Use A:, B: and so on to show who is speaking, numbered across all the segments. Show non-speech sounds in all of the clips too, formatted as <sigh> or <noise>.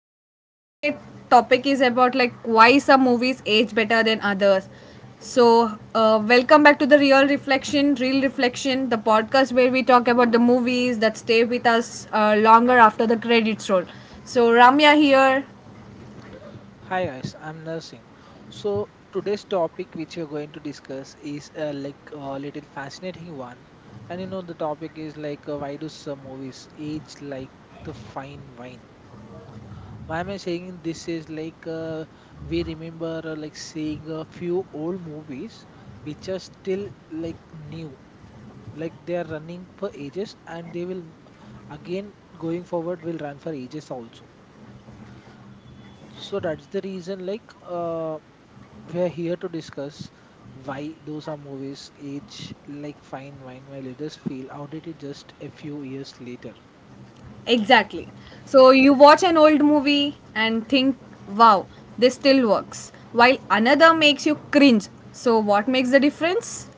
A: So today topic is about like why some movies age better than others. So welcome back to the real reflection, the podcast where we talk about the movies that stay with us longer after the credits roll. So Ramya here,
B: Hi guys, I'm Nursing. So today's topic which we're going to discuss is like a little fascinating one, and you know the topic is like why do some movies age like the fine wine? Why am I saying this is like we remember like seeing a few old movies which are still like new, like they are running for ages and they will again going forward will run for ages also, so that's the reason like we're here to discuss why those are movies age like fine wine while others feel outdated just a few years later.
A: exactly. So you watch an old movie and think, wow, this still works, while another makes you cringe. So what makes the difference?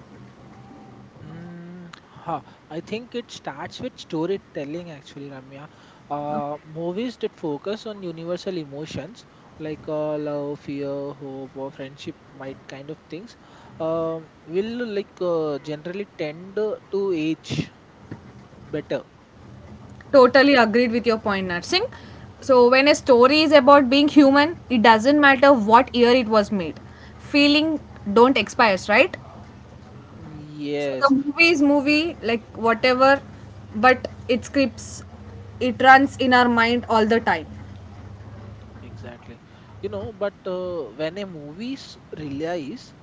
B: Mm, huh. I think it starts with storytelling actually, Ramya. Movies that focus on universal emotions like love, fear, hope, or friendship, might kind of things, will like generally tend to age better.
A: Totally agreed with your point, Narsingh. So, when a story is about being human, it doesn't matter what year it was made. Feeling don't expires, right? So the
B: Yes,
A: movie is movie, like whatever, but it scripts, it runs in our mind all the time.
B: exactly. You know, but when a relies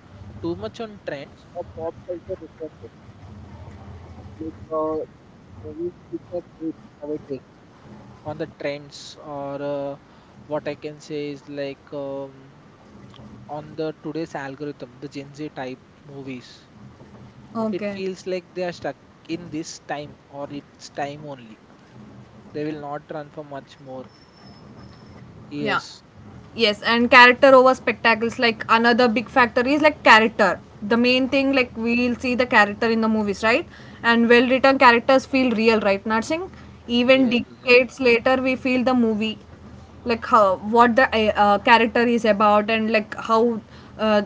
B: too much on trends or pop culture references, like the movies which are made nowadays on the trends, or what I can say is like on the today's algorithm, the Gen Z type movies, it
A: Okay.
B: feels like they are stuck in this time or its time only. They will not run for much more.
A: Yeah.
B: Yes,
A: Yes, and character over spectacles, like another big factor is like character. The main thing, like we'll see the character in the movies, right? And well written characters feel real, right, Narsing? Even
B: yes, exactly.
A: decades later, we feel the movie, like how what the character is about, and like how uh,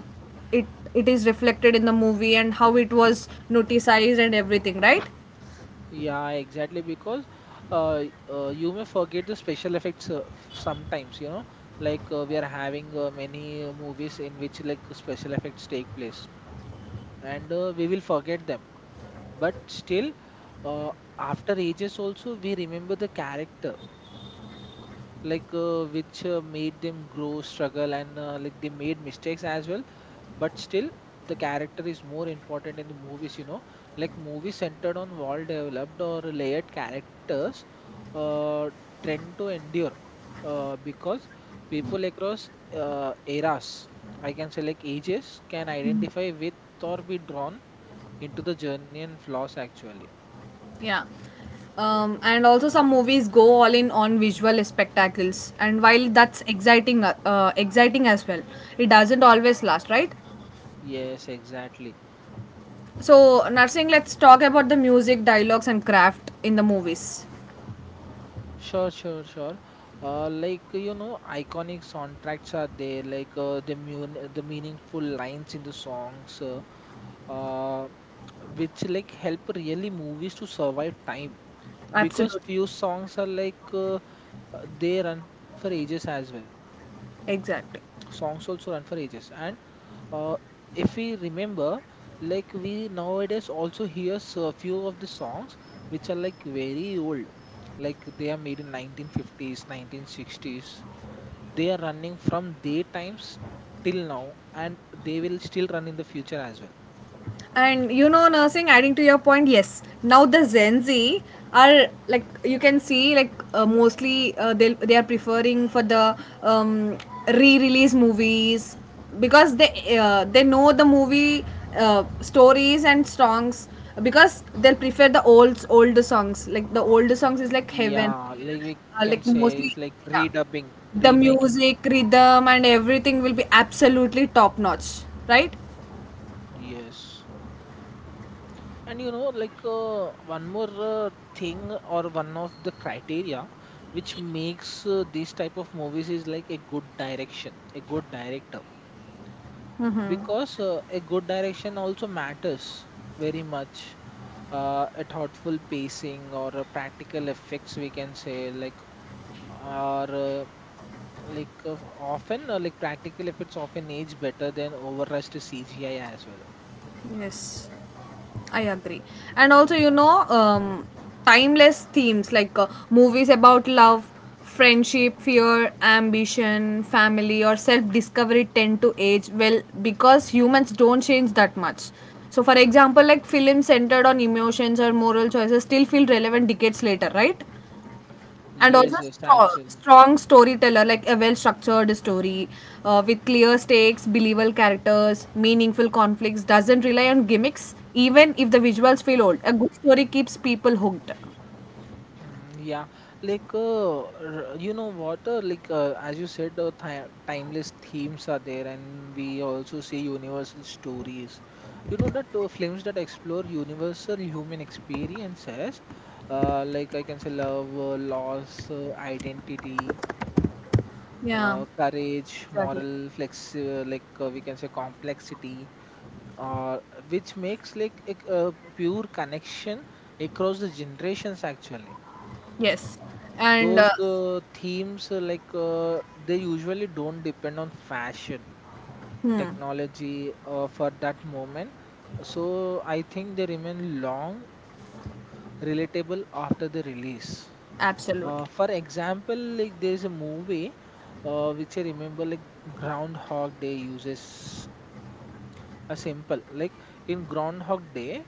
A: it it is reflected in the movie, and how it was noticed and everything, right?
B: Yeah, exactly. Because uh, you may forget the special effects sometimes, you know, like we are having many movies in which like special effects take place, and we will forget them. But still, uh, after ages also, we remember the character, like which made them grow, struggle, and like they made mistakes as well, but still the character is more important in the movies, you know, like movies centered on world developed or layered characters uh, tend to endure because people across eras, I can say like ages, can identify with or be drawn into the journey and flaws actually.
A: Yeah. And also some movies go all in on visual spectacles, and while that's exciting as well, it doesn't always last, right?
B: Yes, exactly.
A: So nursing, let's talk about the music, dialogues, and craft in the movies.
B: Sure, sure, sure. Like you know, iconic soundtracks are there, like the meaningful lines in the songs, uh, which like help really movies to survive time, because
A: Absolutely.
B: few songs are like they run for ages as well. Songs also run for
A: Exactly.
B: ages, and uh, if we remember, like we nowadays also hear a few of the songs which are like very old, like they are made in 1950s, 1960s. They are running from their times till now, and they will still run in the future as well.
A: And you know, nursing, adding to your point, yes. Now the Gen Z are, like, you can see, like mostly they are preferring for the re-release movies because they know the movie stories and songs because they'll prefer the old older songs, like the older songs is like heaven.
B: Yeah, like we can
A: Like
B: say is like
A: mostly, yeah,
B: redubbing,
A: the
B: remaking.
A: music rhythm and everything will be absolutely top notch, right?
B: Yes, and you know, like one more thing or one of the criteria which makes this type of movies is like a good direction, a good director, because a good direction also matters very much. A thoughtful pacing or a practical effects, we can say like are like practical effects often age better than overrushed CGI as well.
A: Yes, I agree. And also, you know, timeless themes like movies about love, friendship, fear, ambition, family, or self discovery tend to age well because humans don't change that much. So, for example, like films centered on emotions or moral choices still feel relevant decades later, right? And also
B: Yes, yes,
A: strong,
B: actually.
A: strong storyteller, like a well structured story with clear stakes, believable characters, meaningful conflicts, doesn't rely on gimmicks. Even if the visuals feel old, a good story keeps people hooked.
B: Mm, yeah, like you know what? Like as you said, timeless themes are there, and we also see universal stories. You know that films that explore universal human experiences, like I can say love, loss, identity,
A: Yeah,
B: courage,
A: exactly.
B: moral flex, like we can say complexity, uh, which makes like a pure connection across the generations actually.
A: Yes, and
B: Those themes, they usually don't depend on fashion,
A: hmm,
B: technology for that moment, so I think they remain long relatable after the release.
A: absolutely,
B: For example, like there's a movie which I remember, like Groundhog Day uses a simple like, in Groundhog Day,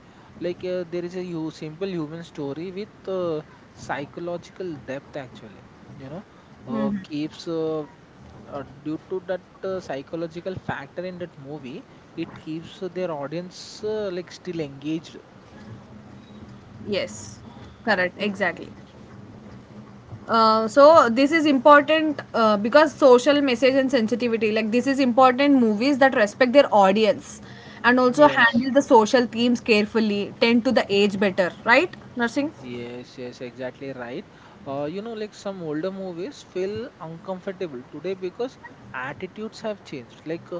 B: like there is a hu- simple human story with psychological depth, actually, you know, keeps due to that psychological factor in that movie, it keeps their audience like still engaged.
A: yes, correct, exactly. So this is important because social message and sensitivity, like this is important. Movies that respect their audience and also
B: Yes,
A: handle the social themes carefully tend to the age better, right nursing?
B: yes, yes, exactly right. You know, like some older movies feel uncomfortable today because attitudes have changed. Like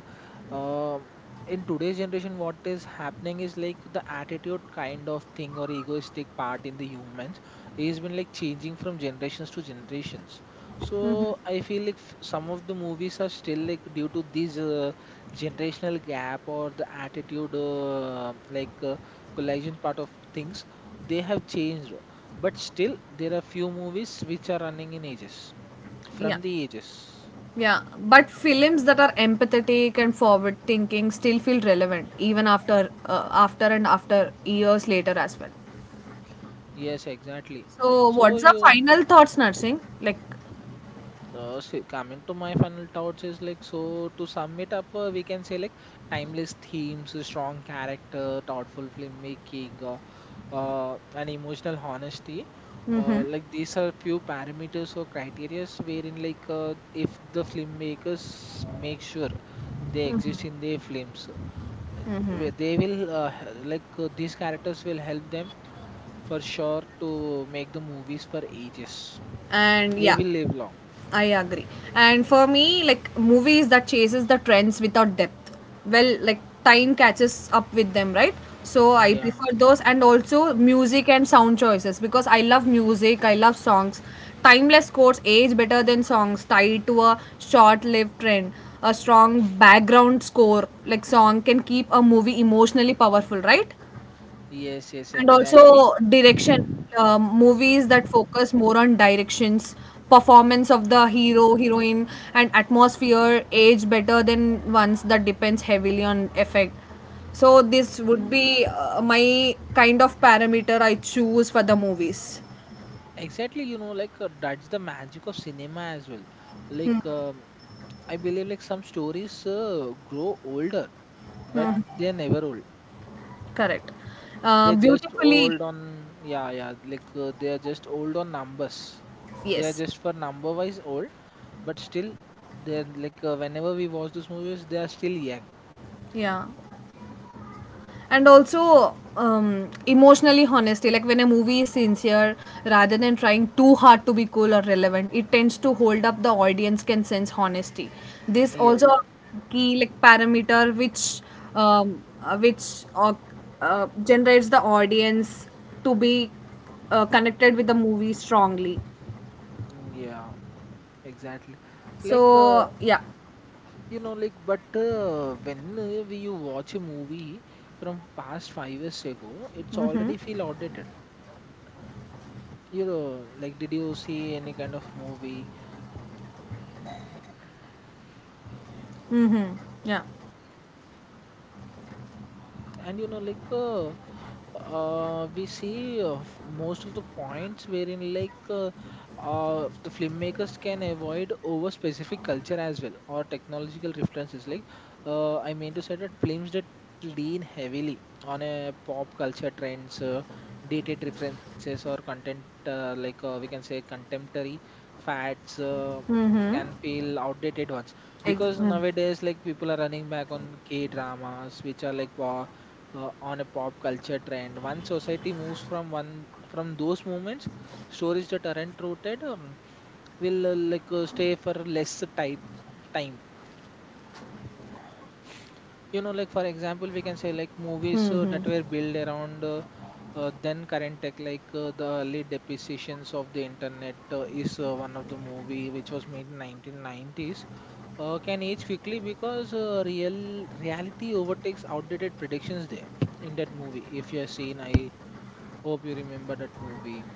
B: um in today's generation, what is happening is like the attitude kind of thing or egoistic part in the humans is been like changing from generations to generations. So I feel like some of the movies are still like due to this generational gap or the attitude collision part of things, they have changed, but still there are few movies which are running in ages
A: Yeah,
B: from the ages.
A: yeah, but films that are empathetic and forward thinking still feel relevant even after years later as well.
B: Yes, exactly.
A: So
B: So
A: what's the
B: you
A: final thoughts nursing, like,
B: see, coming to my final thoughts is like, so to sum it up, we can say like timeless themes, strong character, thoughtful filmmaking, and emotional honesty,
A: mm-hmm,
B: like these are few parameters or criteria wherein like if the filmmakers make sure they exist in their films, where they will like these characters will help them for sure to make the movies for ages.
A: and
B: They
A: yeah,
B: will live long.
A: I agree. And for me, like movies that chases the trends without depth. Well, like time catches up with them, right? So I
B: Yeah.
A: prefer those, and also music and sound choices because I love music, I love songs. Timeless scores age better than songs tied to a short-lived trend. A strong background score like song can keep a movie emotionally powerful, right?
B: Yes. Yes.
A: And
B: Exactly.
A: also direction, movies that focus more on directions, performance of the hero, heroine, and atmosphere age better than ones that depends heavily on effect. So this would
B: Mhm.
A: be my kind of parameter I choose for the movies.
B: Exactly. You know, like that's the magic of cinema as well. Like I believe, like some stories grow older, but
A: Mhm.
B: they're never old.
A: Correct.
B: They're just
A: Beautifully,
B: old on, yeah, yeah. Like they are just old on numbers. They are
A: yes.
B: just for number wise old, but still they're like whenever we watch those movies, they are still young.
A: Yeah. And also, emotionally honesty, like when a movie is sincere rather than trying too hard to be cool or relevant, it tends to hold up. The audience can sense honesty. This
B: Yeah.
A: also a key like parameter which um, uh, which uh, generates the audience to be connected with the movie strongly.
B: Mm, yeah, exactly. Like
A: So yeah.
B: you know, like but when we you watch a movie from past 5 years ago, it's
A: Mm-hmm.
B: already feel outdated, you know, like, did you see any kind of movie?
A: Mm-hmm. Yeah.
B: And you know, like we see most of the points wherein like the filmmakers can avoid over specific culture as well or technological references, like I mean to say that films that lean heavily on a pop culture trends, dated references or content, we can say contemporary fads
A: Mm-hmm.
B: can feel outdated ones because
A: Mm.
B: nowadays like people are running back on K dramas which are like on a pop culture trend. Once society moves from one, from those moments, stories that aren't rooted will stay for less time. Time, you know, like for example, we can say like movies that were built around. Then current tech, like the early depreciations of the internet is one of the movie which was made in 1990s, can age quickly because real reality overtakes outdated predictions there in that movie. If you have seen, I hope you remember that movie.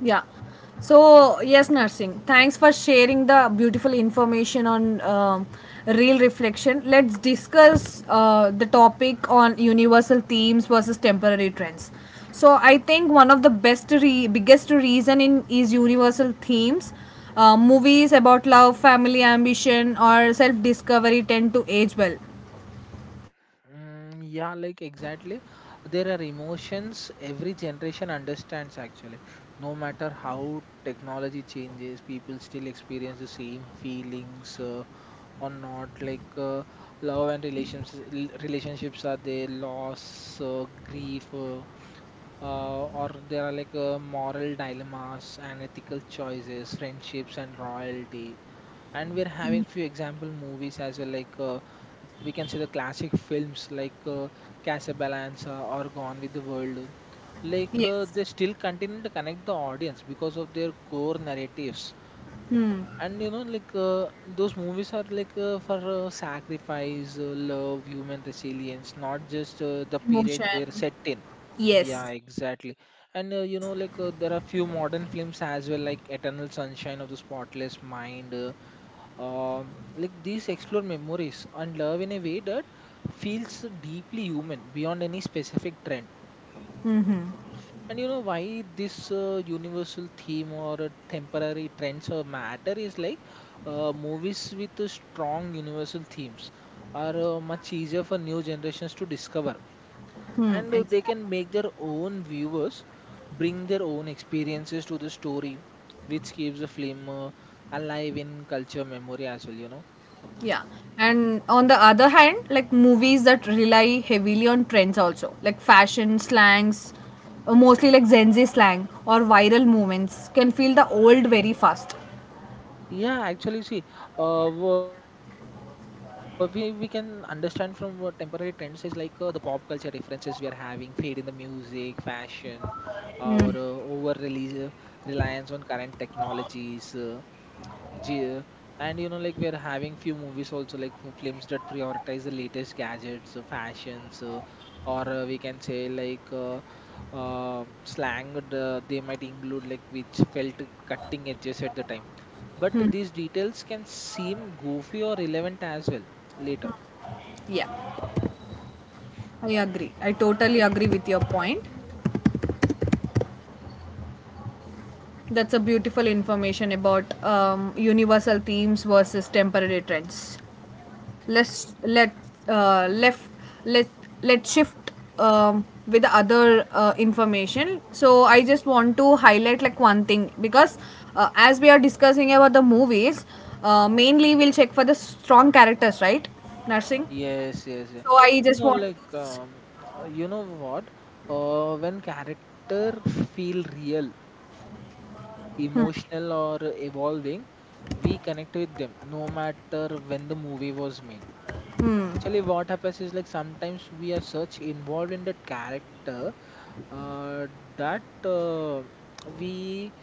A: Yeah. So, yes, nursing, thanks for sharing the beautiful information on real reflection. Let's discuss the topic on universal themes versus temporary trends. So, I think one of the biggest reason in is universal themes. Movies about love, family, ambition, or self-discovery tend to age well.
B: Mm, yeah, like exactly. There are emotions every generation understands actually. No matter how technology changes, people still experience the same feelings. Or not like love and relationships are there, loss, uh, grief, or there are like moral dilemmas and ethical choices, friendships and royalty. And we're having few example movies as well, like we can see the classic films like Casablanca or Gone with the World. Like
A: Yes.
B: they still continue to connect the audience because of their core narratives.
A: Hmm.
B: And you know, like those movies are like for sacrifice, love, human resilience, not just the period they're
A: Emotion.
B: set in. Yeah,
A: Yes.
B: exactly. And you know, like there are few modern films as well, like Eternal Sunshine of the Spotless Mind, like these explore memories and love in a way that feels deeply human beyond any specific trend. And you know why this universal theme or temporary trends or matter is like, movies with strong universal themes are much easier for new generations to discover,
A: Hmm.
B: and they
A: Exactly.
B: can make their own viewers bring their own experiences to the story, which keeps the film alive in culture memory as well, you know.
A: Yeah. And on the other hand, like movies that rely heavily on trends also, like fashion, slangs, mostly like Gen Z slang or viral movements, can feel the old very fast.
B: Yeah, actually, see, we can understand from what temporary trends is, like the pop culture references we are having, fade in the music, fashion, or over release, reliance on current technologies. Yeah, and you know, like we're having few movies also, like films that prioritize the latest gadgets, fashions, or we can say like slang. They might include like which felt cutting edges at the time, but these details can seem goofy or relevant as well later.
A: Yeah, I agree. I totally agree with your point. That's a beautiful information about universal themes versus temporary trends. Let's let left let Let's shift with the other information. So I just want to highlight like one thing because as we are discussing about the movies, mainly we'll check for the strong characters, right nursing?
B: Yes, yes, yeah.
A: So I
B: You
A: just
B: know,
A: want
B: like
A: to,
B: you know what? When character feel real, emotional or evolving, we connect with them no matter when the movie was made. Actually, what happens is like sometimes we are such involved in the character uh, that we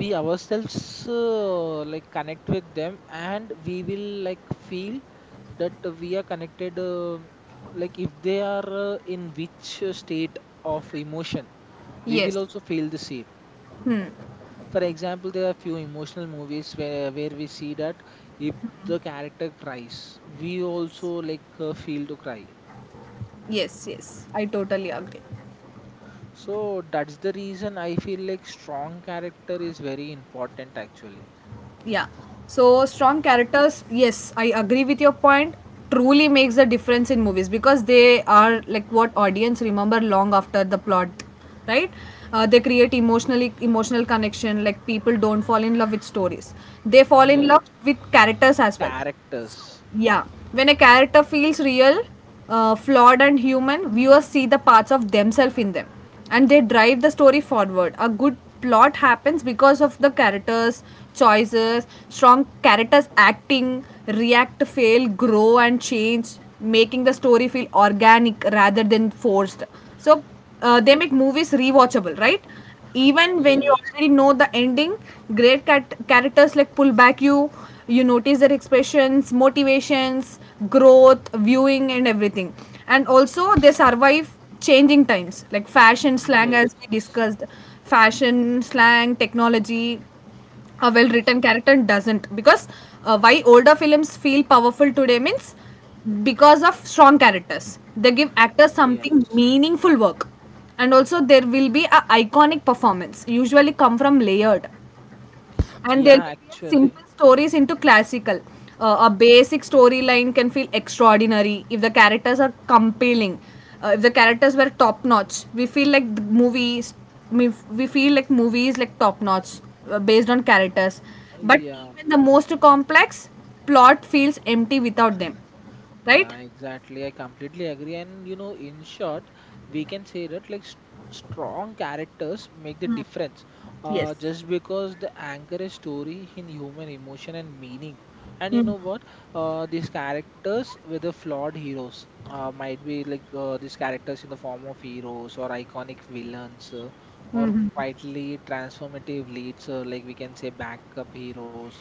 B: we ourselves like connect with them and we will like feel that we are connected like if they are in which state of emotion we
A: yes,
B: will also feel the same.
A: hmm,
B: For example, there are few emotional movies where we see that if the character cries, we also like feel to cry.
A: yes, yes, I totally agree.
B: So that's the reason I feel like strong character is very important actually.
A: Yeah. So strong characters, yes, I agree with your point. Truly makes a difference in movies because they are like what audience remember long after the plot, right? Uh, they create emotional connection. Like people don't fall in love with stories, they fall in
B: Yes,
A: love with characters as well.
B: characters.
A: Yeah, when a character feels real, flawed, and human, viewers see the parts of themselves in them, and they drive the story forward. A good plot happens because of the characters' choices. Strong characters acting, react, fail, grow, and change, making the story feel organic rather than forced. So, they make movies rewatchable, right? Even when you
B: Yes,
A: already know the ending, characters like pull back you. You notice their expressions, motivations, growth viewing, and everything. And also they survive changing times like fashion slang, as we
B: yes,
A: discussed, fashion slang technology. A well written character doesn't because why older films feel powerful today means because of strong characters. They give actors something
B: yes.
A: meaningful work, and also there will be a iconic performance usually come from layered, and there will
B: Yeah,
A: be a
B: actually,
A: simple stories into classical. A basic storyline can feel extraordinary if the characters are compelling. If the characters were top notch, we feel like the movies. We feel like movies like top notch based on characters. But
B: yeah.
A: even the most complex plot feels empty without them,
B: Yeah,
A: right?
B: exactly. I completely agree. And you know, in short, we can say that strong characters make the difference.
A: Yes.
B: Just because the anchor a story in human emotion and meaning. And you know what? These characters with the flawed heroes might be like these characters in the form of heroes or iconic villains. Or quietly transformative leads, like we can say backup heroes,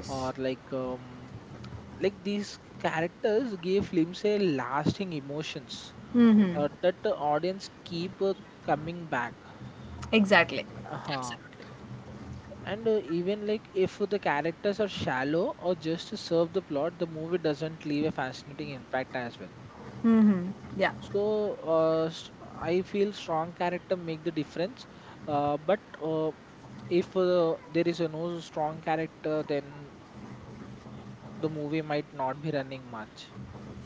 B: or like these characters gave films a lasting emotions that the audience keep coming back.
A: Exactly.
B: Uh-huh. And even like if the characters are shallow or just to serve the plot, the movie doesn't leave a fascinating impact as well.
A: Yeah.
B: So uh, s- I feel strong character make the difference, but uh, if there is a no strong character, then the movie might not be running much.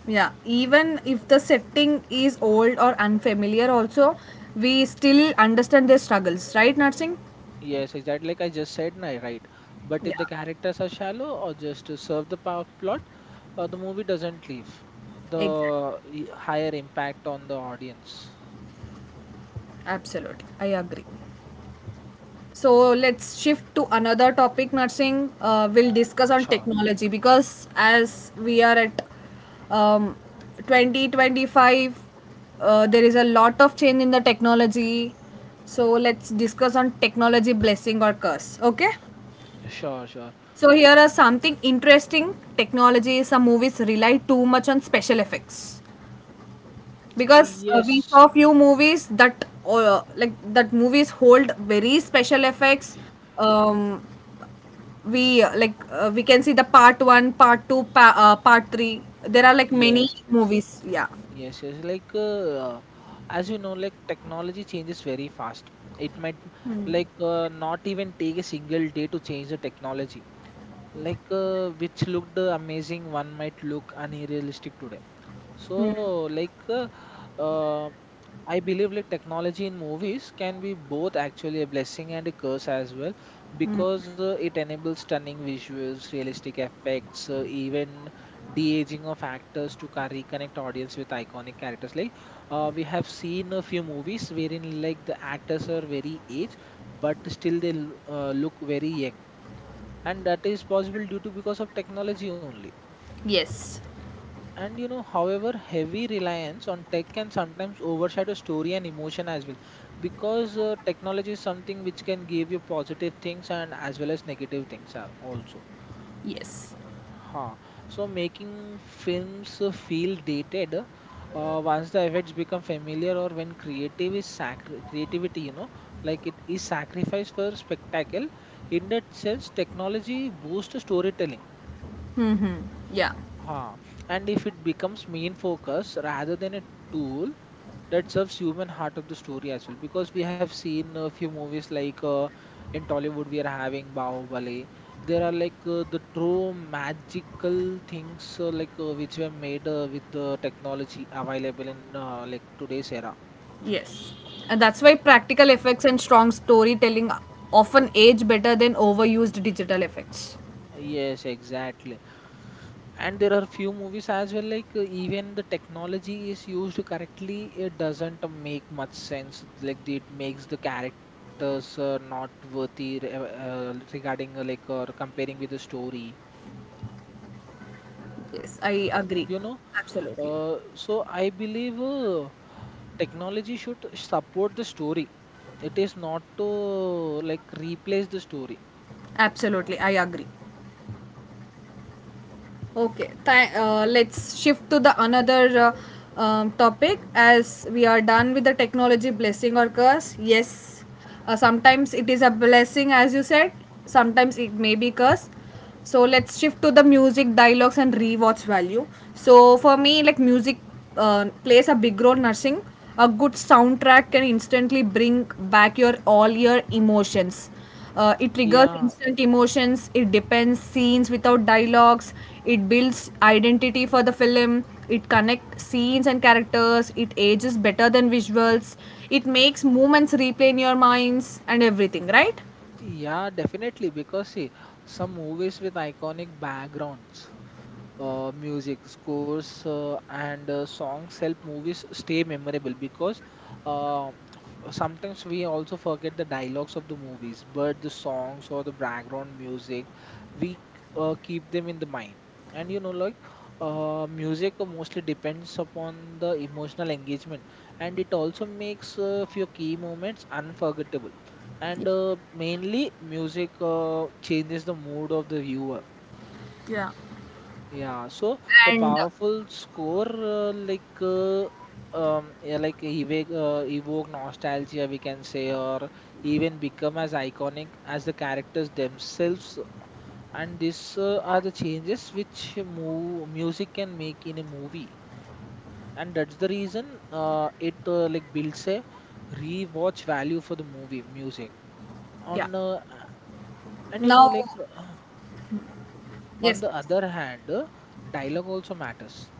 A: Yeah, even if the setting is old or unfamiliar, also, we still understand their struggles, right, Narsingh?
B: Yes, exactly. Like I just said, nah, right. But if the
A: Yeah,
B: characters are shallow or just to serve the power plot, the movie doesn't leave
A: exactly.
B: the higher impact on the audience.
A: Absolutely. I agree. So let's shift to another topic, Narsingh. We'll discuss on
B: Sure,
A: technology because as we are at um, 2025, there is a lot of change in the technology. So let's discuss on technology blessing or curse. Okay?
B: sure, sure.
A: So here are something interesting technology. Some movies rely too much on special effects because we
B: Yes,
A: saw few movies that like that movies hold very special effects. Um, we like we can see the part one, part two, part three. There are like many
B: yes, yes,
A: movies. Yeah.
B: yes, yes. Like as you know, like technology changes very fast. It might like not even take a single day to change the technology. Like which looked amazing, one might look unrealistic today. So, like, um I believe like technology in movies can be both actually a blessing and a curse as well, because it enables stunning visuals, realistic effects, even de-aging of actors to reconnect audience with iconic characters. Like, we have seen a few movies wherein like the actors are very aged, but still they look very young, and that is possible due to because of technology only.
A: Yes.
B: And you know, however, heavy reliance on tech can sometimes overshadow story and emotion as well, because technology is something which can give you positive things and as well as negative things also.
A: Yes.
B: Huh. So making films feel dated once the effects become familiar or when creative is creativity, you know, like it is sacrificed for spectacle. In that sense, technology boosts storytelling.
A: Mm-hmm. Yeah.
B: Huh. And if it becomes main focus rather than a tool that serves human heart of the story as well, because we have seen a few movies like in Tollywood we are having Bahubali. There are like the true magical things like which were made with the technology available in like today's era.
A: Yes. And that's why practical effects and strong storytelling often age better than overused digital effects.
B: Yes, exactly. And there are few movies as well, like even the technology is used correctly, it doesn't make much sense. Like it makes the characters not worthy regarding like or comparing with the story.
A: Yes, I agree.
B: You know,
A: Absolutely.
B: so I believe technology should support the story. It is not to like replace the story.
A: Absolutely, I agree. Okay, let's shift to the another topic, as we are done with the technology blessing or curse. Yes, sometimes it is a blessing, as you said, sometimes it may be curse. So let's shift to the music, dialogues, and rewatch value. So for me, like music plays a big role nursing. A good soundtrack can instantly bring back your all your emotions. Uh, it triggers
B: Yeah.
A: instant emotions, it depends scenes without dialogues, it builds identity for the film, it connects scenes and characters, it ages better than visuals, it makes moments replay in your minds and everything, right?
B: Yeah, definitely. Because see, some movies with iconic backgrounds, music, scores, and songs help movies stay memorable. Because uh, f- sometimes we also forget the dialogues of the movies, but the songs or the background music, we keep them in the mind. And you know, like music mostly depends upon the emotional engagement, and it also makes few key moments unforgettable, and mainly music changes the mood of the viewer.
A: Yeah.
B: Yeah, so a
A: And
B: powerful score yeah, like evoke nostalgia, we can say, or even become as iconic as the characters themselves. And these are the changes which music can make in a movie, and that's the reason it like builds a rewatch value for the movie music
A: yeah,
B: on And you know,
A: now,
B: like uh, on
A: yes,
B: the other hand, dialogue also matters.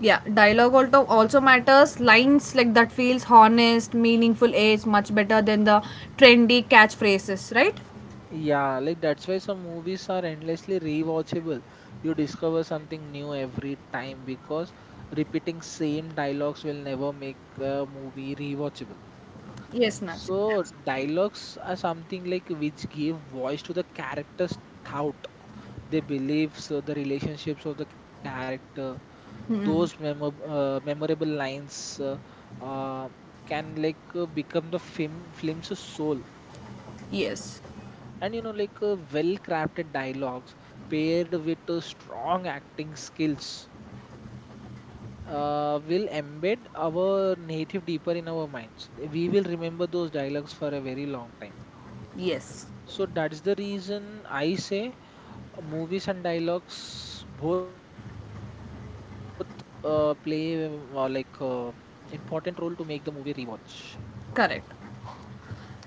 A: yeah, dialogue also matters. Lines like that feels honest, meaningful age much better than the trendy catchphrases, right?
B: Yeah, like that's why some movies are endlessly rewatchable. You discover something new every time because repeating same dialogues will never make a movie rewatchable.
A: Yes, Nancy.
B: So dialogues are something like which give voice to the character's thought, their beliefs, the relationships of the character, those memorable lines uh, can like become the film's soul.
A: Yes,
B: And you know, like well crafted dialogues paired with strong acting skills will embed our native deeper in our minds. We will remember those dialogues for a very long time.
A: yes,
B: So that's the reason I say movies and dialogues both play important role to make the movie rewatch.
A: correct.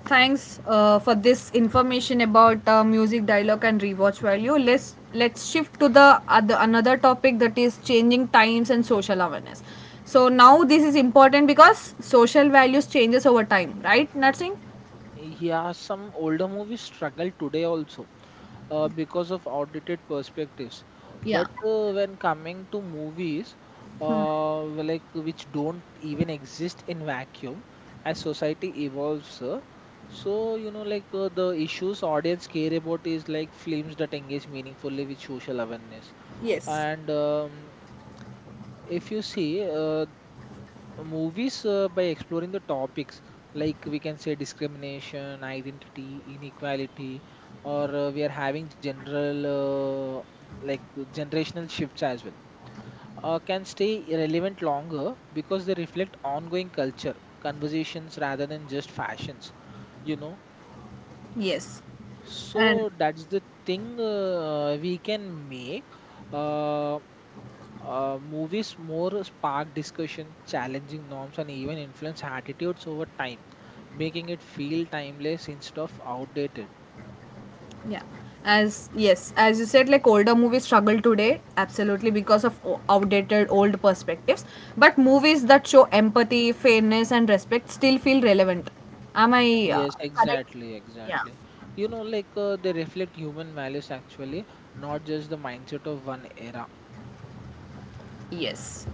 A: Thanks for this information about music dialogue and rewatch value. Let's shift to the other another topic, that is changing times and social awareness. So now this is important because social values changes over time, right nursing?
B: Yeah, some older movies struggle today also because of outdated perspectives.
A: Yeah,
B: But when coming to movies, like which don't even exist in vacuum, as society evolves, so you know, like the issues audience care about is like films that engage meaningfully with social awareness.
A: yes,
B: And if you see, movies by exploring the topics like we can say discrimination, identity, inequality, or we are having general like generational shifts as well can stay relevant longer because they reflect ongoing culture conversations rather than just fashions, you know.
A: yes, and
B: So that's the thing we can make uh, movies more spark discussion, challenging norms, and even influence attitudes over time, making it feel timeless instead of outdated.
A: yeah. As yes, as you said, like older movies struggle today, absolutely because of outdated old perspectives. But movies that show empathy, fairness, and respect still feel relevant. Am I
B: Yes,
A: correct?
B: exactly,
A: Yeah.
B: exactly. You know, like they reflect human values actually, not just the mindset of one era.
A: Yes.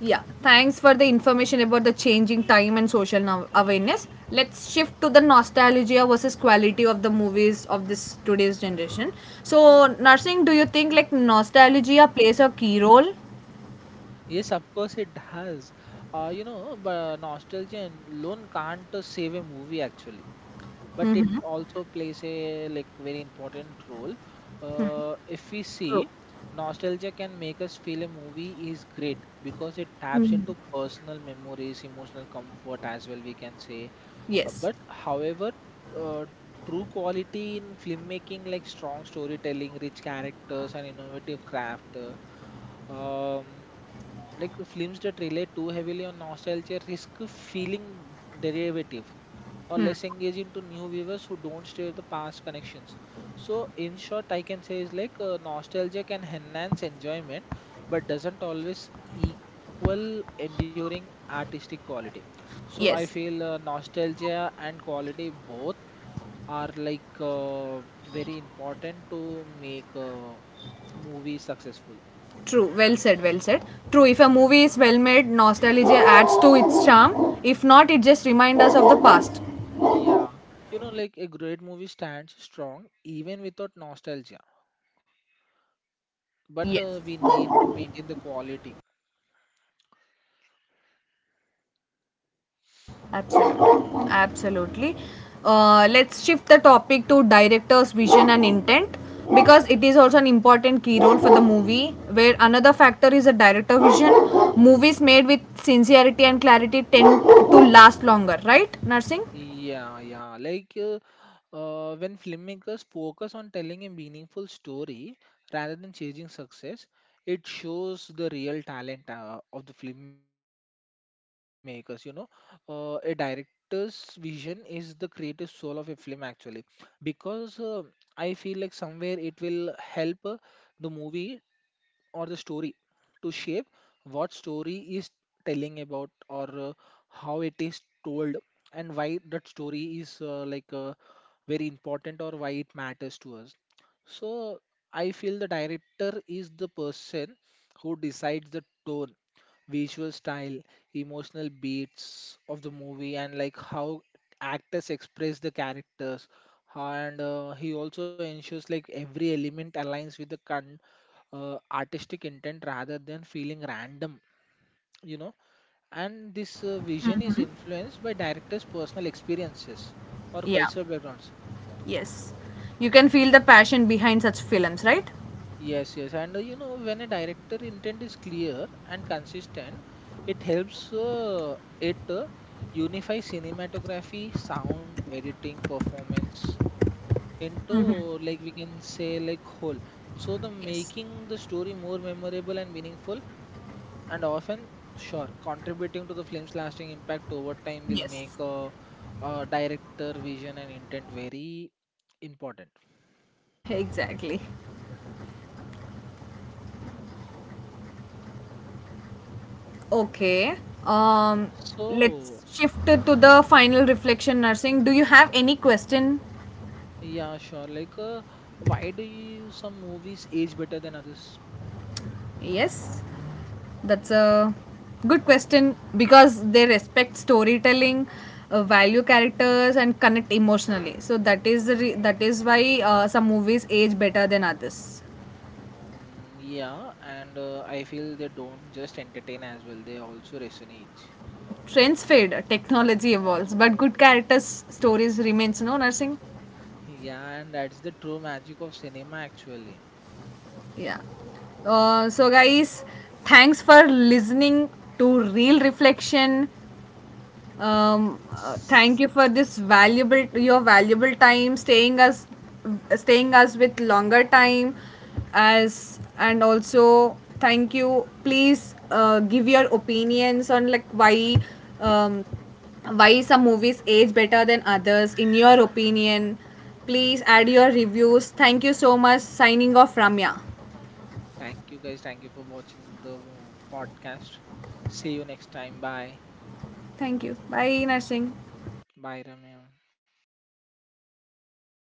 A: Yeah. Thanks for the information about the changing time and social awareness. Let's shift to the nostalgia versus quality of the movies of this today's generation. So, nursing, do you think like nostalgia plays a key role?
B: Yes, of course it does. You know, but nostalgia and alone can't save a movie actually, but it also plays a like very important role. If we
A: True.
B: see, nostalgia can make us feel a movie is great because it taps
A: Mm,
B: into personal memories, emotional comfort as well. We can say,
A: yes.
B: but however, uh, true quality in filmmaking like strong storytelling, rich characters, and innovative craft. Um, like the films that rely too heavily on nostalgia risk feeling derivative or less engaging to new viewers who don't share the past connections. So, in short, I can say is like nostalgia can enhance enjoyment, but doesn't always equal enduring artistic quality. So, I
A: Yes,
B: feel nostalgia and quality both are like very important to make a movie successful.
A: true. Well said. True, if a movie is well made, nostalgia adds to its charm. If not, it just reminds us of the past.
B: Yeah. You know, like a great movie stands strong even without nostalgia, but
A: Yes,
B: we need to maintain the quality.
A: absolutely. Absolutely. Let's shift the topic to director's vision and intent because it is also an important key role for the movie. Where another factor is the director vision, movies made with sincerity and clarity tend to last longer, right nursing?
B: Yeah, yeah. Like when filmmakers focus on telling a meaningful story rather than chasing success, it shows the real talent of the filmmakers, you know. A director's vision is the creative soul of a film actually, because I feel like somewhere it will help the movie or the story to shape what story is telling about or how it is told and why that story is very important or why it matters to us. So I feel the director is the person who decides the tone, visual style, emotional beats of the movie, and like how actors express the characters. And he also ensures like every element aligns with the artistic intent rather than feeling random, you know. And this vision is influenced by directors' personal experiences or
A: Yeah,
B: cultural backgrounds.
A: yes, you can feel the passion behind such films, right?
B: Yes, yes, and you know, when a director intent is clear and consistent, it helps it unify cinematography, sound, editing, performance into like we can say like whole. So the
A: Yes.
B: making the story more memorable and meaningful, and often sure contributing to the film's lasting impact over time will make
A: Yes.
B: a director vision and intent very important.
A: Exactly. Okay. Um,
B: So
A: let's shift it to the final reflection nursing. Do you have any question?
B: yeah, sure. Like, why do you some movies age better than others?
A: Yes. That's a good question because they respect storytelling, value characters and connect emotionally. So that is that is why some movies age better than others.
B: Mm, yeah, and I feel they don't just entertain as well, they also resonate. <laughs>
A: Trends fade, technology evolves, but good characters stories remains no nursing.
B: Yeah, and that's the true magic of cinema, actually.
A: Yeah. So, guys, thanks for listening to Real Reflection. Thank you for this valuable your valuable time, staying us with longer time, as and also thank you. Please give your opinions on like why. Um, why some movies age better than others in your opinion. Please add your reviews. Thank you so much. Signing off, Ramya.
B: Thank you, guys. Thank you for watching the podcast. See you next time. Bye.
A: Thank you. Bye, nursing.
B: Bye, Ramya.